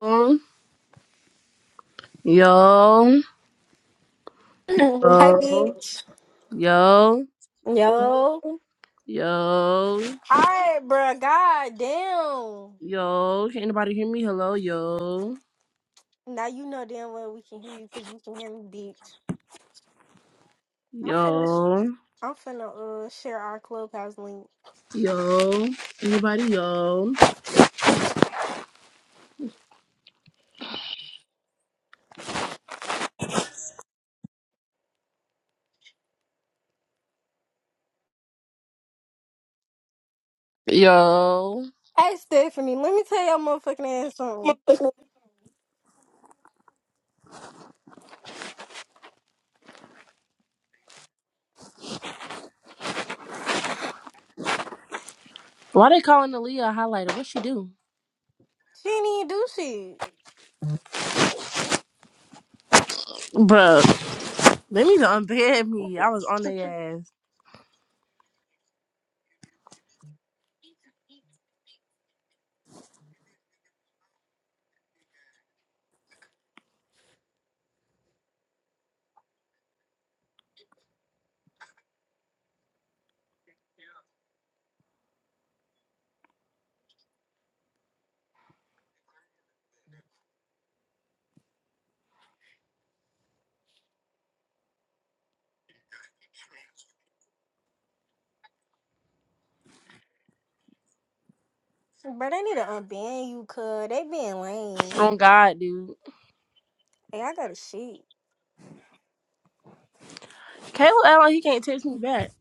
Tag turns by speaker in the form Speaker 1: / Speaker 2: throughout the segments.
Speaker 1: Yo, yo,
Speaker 2: Hey,
Speaker 1: yo,
Speaker 2: bitch.
Speaker 1: yo,
Speaker 2: Yo. All
Speaker 1: yo,
Speaker 2: right, bro. God damn.
Speaker 1: yo. Can anybody hear me? Hello, yo,
Speaker 2: Now you know damn well we can hear you because you can hear me, bitch. I'm finna,
Speaker 1: yo,
Speaker 2: I'm finna uh, share our clubhouse link.
Speaker 1: yo. Anybody, yo, yo.
Speaker 2: Hey, Stephanie, let me tell your motherfucking ass something.
Speaker 1: Why they calling Aaliyah a highlighter? What she do?
Speaker 2: She didn't even do shit.
Speaker 1: bro? they need to unban me. I was on their ass.
Speaker 2: Bro, they need to unban you, cuz. They being lame.
Speaker 1: On God, dude.
Speaker 2: Hey, I gotta shit.
Speaker 1: Caleb, act like he can't text me back.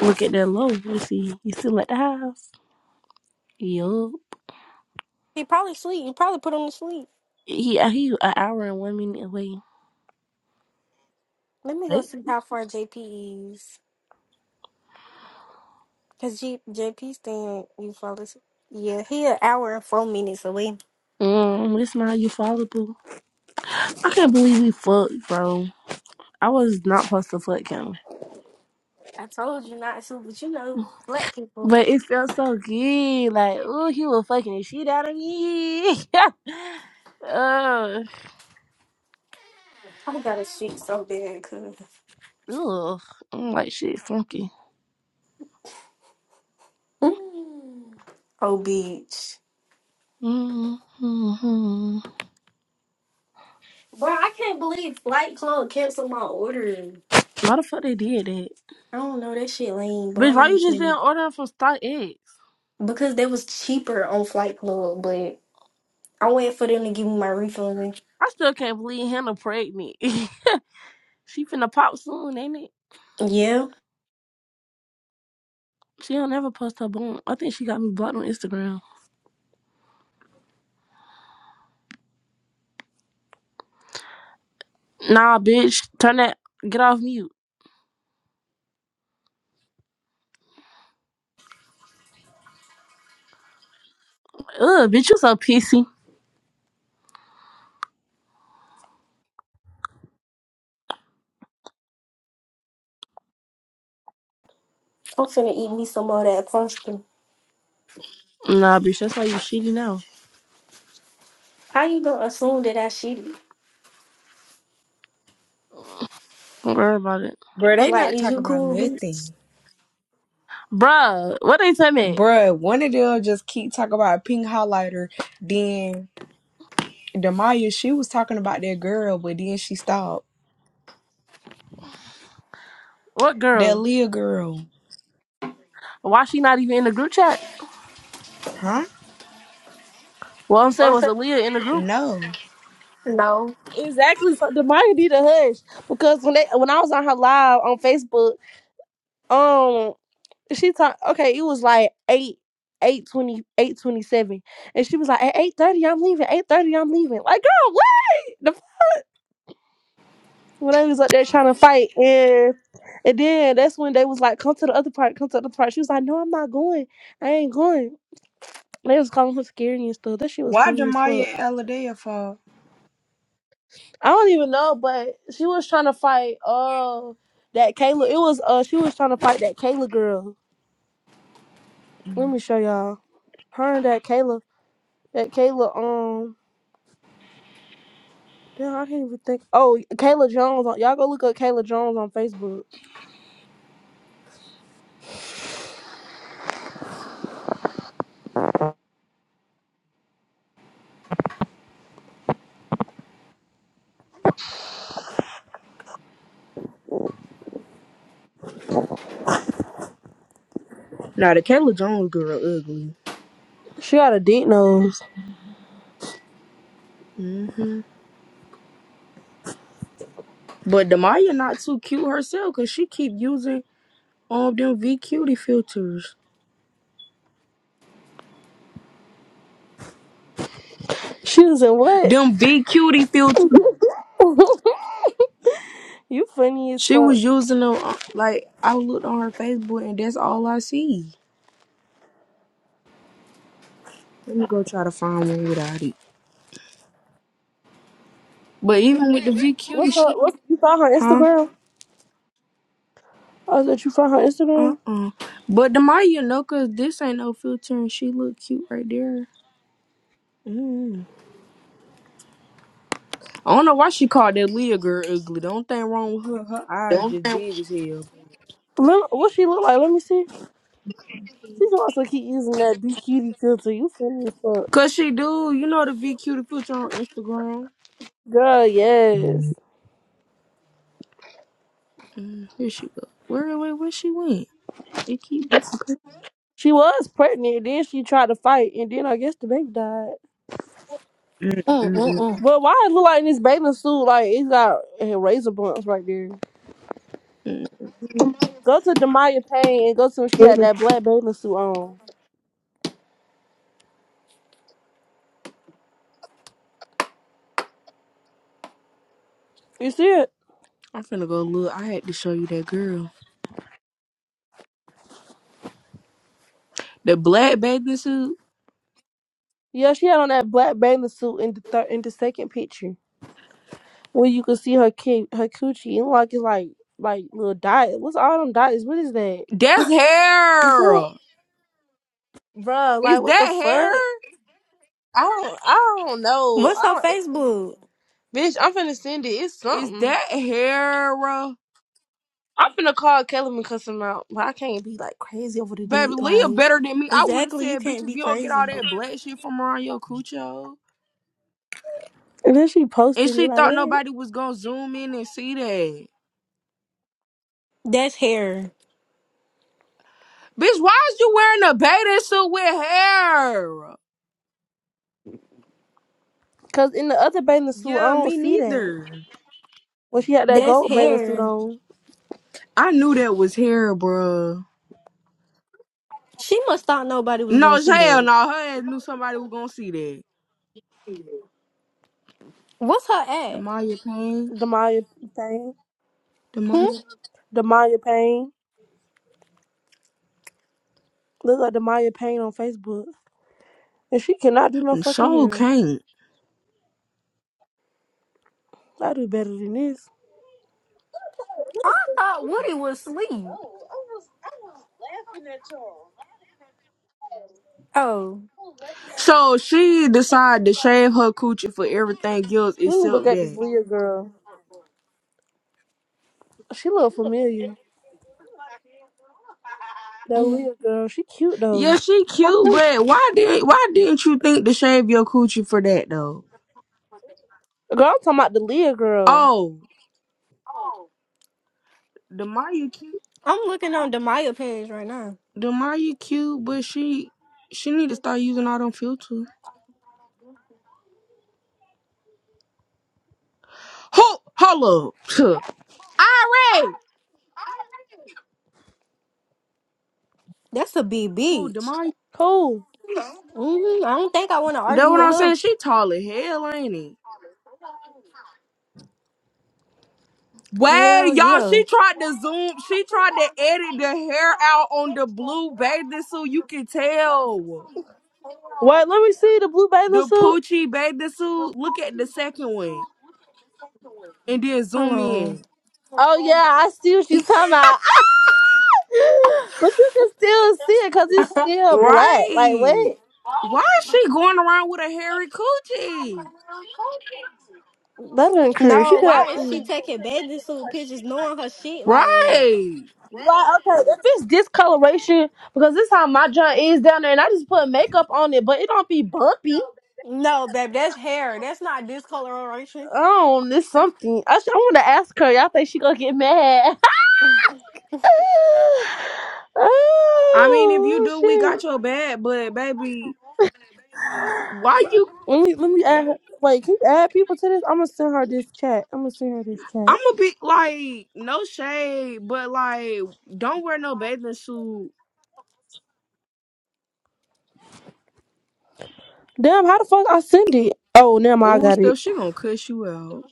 Speaker 1: Look at that low. Let's see. He's still at the house. Yo.
Speaker 2: He probably sleep. You probably put him to sleep.
Speaker 1: He, he an hour and one minute away.
Speaker 2: Let me
Speaker 1: They
Speaker 2: go see how far JP is. Because G- JP stand, you fall asleep. Yeah, he an hour and four minutes away.
Speaker 1: Um, this not you fallible. I can't believe we fucked, bro. I was not supposed to fuck him.
Speaker 2: I told you not to, but you know, black people.
Speaker 1: But it felt so good. Like, ooh, he was fucking the shit out of me. Ugh.
Speaker 2: I got a shit so bad, cuz.
Speaker 1: Ugh. I'm like, shit, funky.
Speaker 2: Mm. Oh, bitch.
Speaker 1: Mm-hmm.
Speaker 2: Bro, I can't believe Flight Club canceled my order.
Speaker 1: Why the fuck they did that?
Speaker 2: I don't know, that shit lame, but I
Speaker 1: Bitch,
Speaker 2: don't
Speaker 1: why
Speaker 2: even
Speaker 1: you just didn't
Speaker 2: care.
Speaker 1: order from Stock I
Speaker 2: Because they was cheaper on Flight Club, but I waited for them to give me my refund.
Speaker 1: still can't believe Hannah pregnant. she finna pop soon, ain't it?
Speaker 2: Yeah,
Speaker 1: She don't ever post her bone. I think she got me blocked on Instagram. Nah, bitch. Turn that. Get off mute. Ugh, bitch, you so pissy.
Speaker 2: I'm finna eat me some of that pumpkin.
Speaker 1: Nah, bitch, that's why you shitty now.
Speaker 2: How you gonna assume that I cheated?
Speaker 1: Don't worry about it.
Speaker 3: Bro, they
Speaker 2: Like,
Speaker 3: not
Speaker 2: is
Speaker 3: talking
Speaker 2: you
Speaker 3: about
Speaker 2: cool, bitch?
Speaker 3: nothing.
Speaker 1: Bruh, what they tell me?
Speaker 3: Bruh, one of them just keep talking about pink highlighter. Then Damaya, she was talking about that girl, but then she stopped.
Speaker 1: What
Speaker 3: That
Speaker 1: girl?
Speaker 3: Leah girl.
Speaker 1: Why she not even in the group chat?
Speaker 3: Huh?
Speaker 1: What I'm saying was Aaliyah in the group.
Speaker 3: No.
Speaker 2: No.
Speaker 1: Exactly. So Demaya need a hush because when they when I was on her live on Facebook, um, she talked. Okay, it was like eight. eight twenty seven, and she was like at 830 i'm leaving 830 i'm leaving like girl what when they was up there trying to fight and and then that's when they was like, Come to the other part, come to the other part. She was like, No, I'm not going. I ain't going. They was calling her scary and stuff. That shit was
Speaker 3: Why
Speaker 1: funny as
Speaker 3: Damaya
Speaker 1: fuck.
Speaker 3: and Aladea for?
Speaker 1: I don't even know, but she was trying to fight uh that Kayla. It was uh she was trying to fight that Kayla girl. Let me show y'all. Her and that Kayla that Kayla um damn I can't even think oh Kayla Jones on y'all go look up Kayla Jones on Facebook.
Speaker 3: Now the Kayla Jones girl ugly.
Speaker 1: She got a deep nose.
Speaker 3: hmm But Damaya not too cute herself because she keep using all them V cutie filters.
Speaker 1: She was in what?
Speaker 3: Them V cutie filters.
Speaker 1: You funny as
Speaker 3: She
Speaker 1: fuck.
Speaker 3: was using them uh, like I looked on her Facebook and that's all I see. Let me go try to find one without it. But even with the VQ,
Speaker 1: What's
Speaker 3: she,
Speaker 1: her? What's you found her
Speaker 3: huh?
Speaker 1: Instagram? I is that you found her
Speaker 3: Uh
Speaker 1: Instagram?
Speaker 3: uh But the Maya know, cause this ain't no filter, and she look cute right there. Mm. I don't know why she called that Leah girl ugly. The only thing wrong with her, her eyes just big as hell.
Speaker 1: Let, what she look like? Let me see. She's also keep using that be cutie filter. You funny as fuck,
Speaker 3: Cause she do, you know the VQ the filter on Instagram.
Speaker 1: girl. Yes,
Speaker 3: Mm, here she go. Where where where she went? It keep.
Speaker 1: she was pregnant. Then she tried to fight, and then I guess the baby died.
Speaker 3: Mm, mm,
Speaker 2: Mm-mm-mm.
Speaker 1: But why it look like this bathing suit? Like it got eh, razor blunts right there.
Speaker 3: mm,
Speaker 1: Go to Demaya Payne and go to when she had
Speaker 3: mm.
Speaker 1: that black bathing suit on. You see it?
Speaker 3: I'm finna go look. I had to show you that girl, the black bathing suit.
Speaker 1: Yeah, she had on that black bathing suit in the thir- in the second picture. Well, you can see her cake, her coochie, and like it's like like little diet. What's all them diets? What is that?
Speaker 3: That's
Speaker 1: You see it,
Speaker 3: hair.
Speaker 1: Bruh,
Speaker 3: Is
Speaker 1: Like what the
Speaker 3: that hair?
Speaker 1: fuck? I don't, I don't know.
Speaker 2: What's
Speaker 1: I
Speaker 2: her
Speaker 1: don't,
Speaker 2: Facebook?
Speaker 1: bitch. I'm finna send it. It's
Speaker 3: Is
Speaker 1: something.
Speaker 3: that hair? uh,
Speaker 1: I'm finna call Kelly and cuss him out, but I can't be like crazy over the
Speaker 3: Baby,
Speaker 1: dick.
Speaker 3: Leah better
Speaker 1: Like,
Speaker 3: than me. I would have
Speaker 2: Exactly, you
Speaker 3: said, bitch,
Speaker 2: can't
Speaker 3: if
Speaker 2: be
Speaker 3: you don't get all
Speaker 2: crazy.
Speaker 3: that black shit from around your cucho.
Speaker 1: and then she
Speaker 3: And
Speaker 1: posted it.
Speaker 3: she
Speaker 1: Like
Speaker 3: thought
Speaker 1: what?
Speaker 3: nobody was gonna zoom in and see that.
Speaker 2: That's hair.
Speaker 3: Bitch, why is you wearing a bathing suit with hair?
Speaker 1: Cause in the other bathing suit, I
Speaker 3: Yeah,
Speaker 1: don't
Speaker 3: me
Speaker 1: see that.
Speaker 3: neither.
Speaker 1: When she had that
Speaker 2: That's
Speaker 1: gold bathing suit
Speaker 2: hair.
Speaker 1: on,
Speaker 3: I knew that was hair, bruh.
Speaker 2: She must thought nobody was gonna
Speaker 3: No,
Speaker 2: see
Speaker 3: hell
Speaker 2: that.
Speaker 3: no. Her ass knew somebody was gonna see that.
Speaker 2: What's her at?
Speaker 3: Demaya Payne.
Speaker 1: Demaya Payne,
Speaker 2: Hmm?
Speaker 3: Demaya.
Speaker 1: Demaya Payne. Look up Demaya Payne on Facebook. And she cannot do no fucking
Speaker 3: So
Speaker 1: hair.
Speaker 3: Kane.
Speaker 1: I do better than this.
Speaker 2: I thought Woody was asleep. Oh,
Speaker 3: So she decided to shave her coochie for everything else
Speaker 1: Let me look
Speaker 3: except
Speaker 1: at this
Speaker 3: that.
Speaker 1: Leah girl. She look familiar. That
Speaker 2: Mhm.
Speaker 1: Leah girl, she cute
Speaker 3: Yeah,
Speaker 1: though.
Speaker 3: she cute, but why did why didn't you think to shave your coochie for that though?
Speaker 1: Girl, I'm talking about the Leah girl.
Speaker 3: Oh, the Maya cute,
Speaker 2: I'm looking on Demaya page right now.
Speaker 3: the Maya cute, but she she need to start using all them filters. Who? Hold up.
Speaker 2: That's a big
Speaker 3: Who?
Speaker 2: bitch.
Speaker 3: Demaya?
Speaker 1: Cool.
Speaker 2: hmm I don't think I want to
Speaker 3: That
Speaker 2: argue
Speaker 3: what
Speaker 2: with
Speaker 3: I'm saying.
Speaker 2: her.
Speaker 3: She tall as hell, ain't it? Wait,
Speaker 2: Hell
Speaker 3: y'all,
Speaker 2: yeah.
Speaker 3: she tried to zoom. She tried to edit the hair out on the blue bathing suit. You can tell.
Speaker 1: Wait, let me see the blue bathing
Speaker 3: The
Speaker 1: suit.
Speaker 3: Poochie bathing suit. Look at the second one and then
Speaker 2: Hold
Speaker 3: zoom
Speaker 2: on.
Speaker 3: in.
Speaker 1: Oh yeah, I see what she's talking about. I- but you can still see it because it's still black. Like
Speaker 3: Right.
Speaker 1: what?
Speaker 3: Why is she going around with a hairy coochie?
Speaker 1: That ain't cruise. She
Speaker 2: No,
Speaker 1: could have.
Speaker 2: why is she
Speaker 1: mm.
Speaker 2: taking bathing suit pictures knowing her shit like that?
Speaker 3: Right.
Speaker 1: Why? Okay, if it's discoloration, because this how my joint is down there, and I just put makeup on it, but it don't be bumpy.
Speaker 2: No, babe, that's hair. That's not discoloration.
Speaker 1: Oh, this something. I, sh- I want to ask her. Y'all think she gonna get mad?
Speaker 3: I mean, if you
Speaker 1: oh
Speaker 3: do, we
Speaker 1: shit!
Speaker 3: got your bag, but baby, why you?
Speaker 1: Let me let me add. Her. Wait, can you add people to this? I'm gonna send her this chat. I'm gonna send her this
Speaker 3: I'm
Speaker 1: chat.
Speaker 3: a bit like, no shade, but like, don't wear no bathing suit.
Speaker 1: Damn, how the fuck I send it? Oh, never mind. I
Speaker 3: Ooh,
Speaker 1: got it.
Speaker 3: stuff, she gonna cuss you out.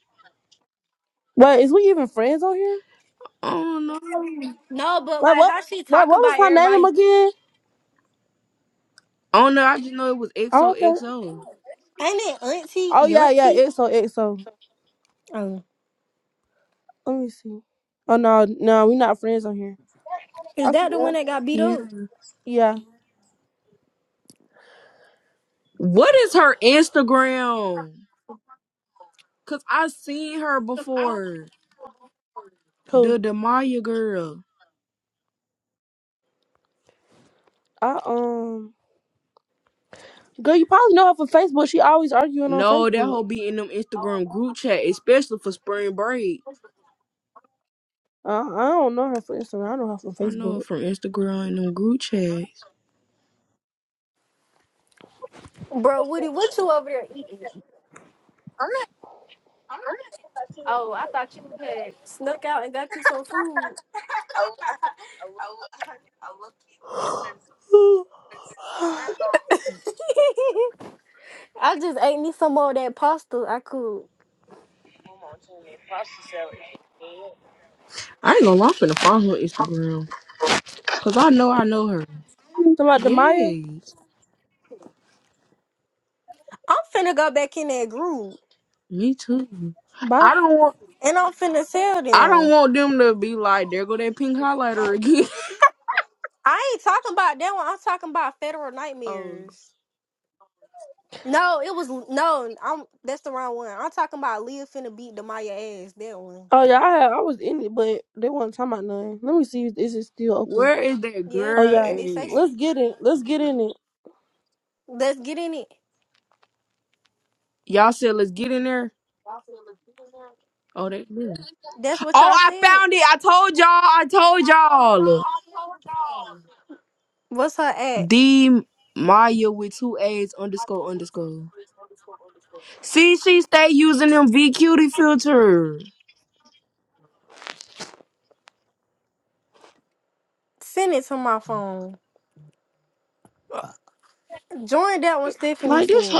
Speaker 1: Wait, is we even friends on here?
Speaker 3: I don't know.
Speaker 2: No, but
Speaker 1: Wait,
Speaker 2: like
Speaker 1: what?
Speaker 2: how she
Speaker 1: Wait, what
Speaker 2: talking
Speaker 1: was
Speaker 2: about
Speaker 1: her
Speaker 2: everybody
Speaker 1: name again?
Speaker 3: I don't know. I just know it was
Speaker 1: I don't think.
Speaker 3: XOXO.
Speaker 2: Ain't it Auntie
Speaker 1: Oh yeah, yeah.
Speaker 2: Yuntie?
Speaker 1: XO XO.
Speaker 2: Oh,
Speaker 1: Let me see. Oh no, no, we not friends on here.
Speaker 2: is
Speaker 1: I see.
Speaker 2: that the
Speaker 1: Yeah.
Speaker 2: one that got beat
Speaker 3: Yeah.
Speaker 2: up?
Speaker 1: Yeah.
Speaker 3: What is her Instagram? Cause I seen her before.
Speaker 1: Cool.
Speaker 3: The Demaya girl.
Speaker 1: I um. Girl, you probably know her from Facebook. She always arguing on
Speaker 3: No, that
Speaker 1: Facebook.
Speaker 3: hoe be in them Instagram group chat, especially for spring break.
Speaker 1: I, I don't know her from Instagram. I know her from
Speaker 3: I know her
Speaker 1: Facebook.
Speaker 3: from Instagram and them group chats.
Speaker 2: Bro, Woody, what you over there eating? Oh, I thought I Snuck out and got you some food. I just ate me some more of that pasta I could.
Speaker 3: I ain't gonna lie, I'm finna find her Instagram. Cause I know I know her.
Speaker 1: Somebody, Demaya,
Speaker 3: Yes.
Speaker 2: I'm finna go back in that group
Speaker 3: Me too.
Speaker 1: bye.
Speaker 3: I don't want
Speaker 2: and I'm finna tell
Speaker 3: I don't
Speaker 2: them.
Speaker 3: want them to be like, there go that pink highlighter again.
Speaker 2: I ain't talking about that one. I'm talking about Federal
Speaker 3: oh.
Speaker 2: Nightmares. No, it was no. I'm that's the wrong one. I'm talking about Leah finna beat Demaya ass. That one.
Speaker 1: Oh yeah, I had, I was in it, but they weren't talking about nothing. Let me see if this is still open.
Speaker 3: Where is that
Speaker 2: Yeah,
Speaker 1: Oh
Speaker 3: girl
Speaker 2: these.
Speaker 1: yeah,
Speaker 2: It is. It say.
Speaker 3: at?
Speaker 2: so.
Speaker 1: let's get it. Let's get in it.
Speaker 2: Let's get in it.
Speaker 3: Y'all said let's get in there. Oh, that girl.
Speaker 2: That's what
Speaker 3: Oh,
Speaker 2: y'all
Speaker 3: I
Speaker 2: said.
Speaker 3: found it. I told y'all. I told y'all.
Speaker 2: What's her at?
Speaker 3: D Maya with two A's underscore underscore. See, she stay using them V cutie filter.
Speaker 2: Send it to my phone. Join that one Stephanie
Speaker 3: Like
Speaker 2: sent.
Speaker 3: this.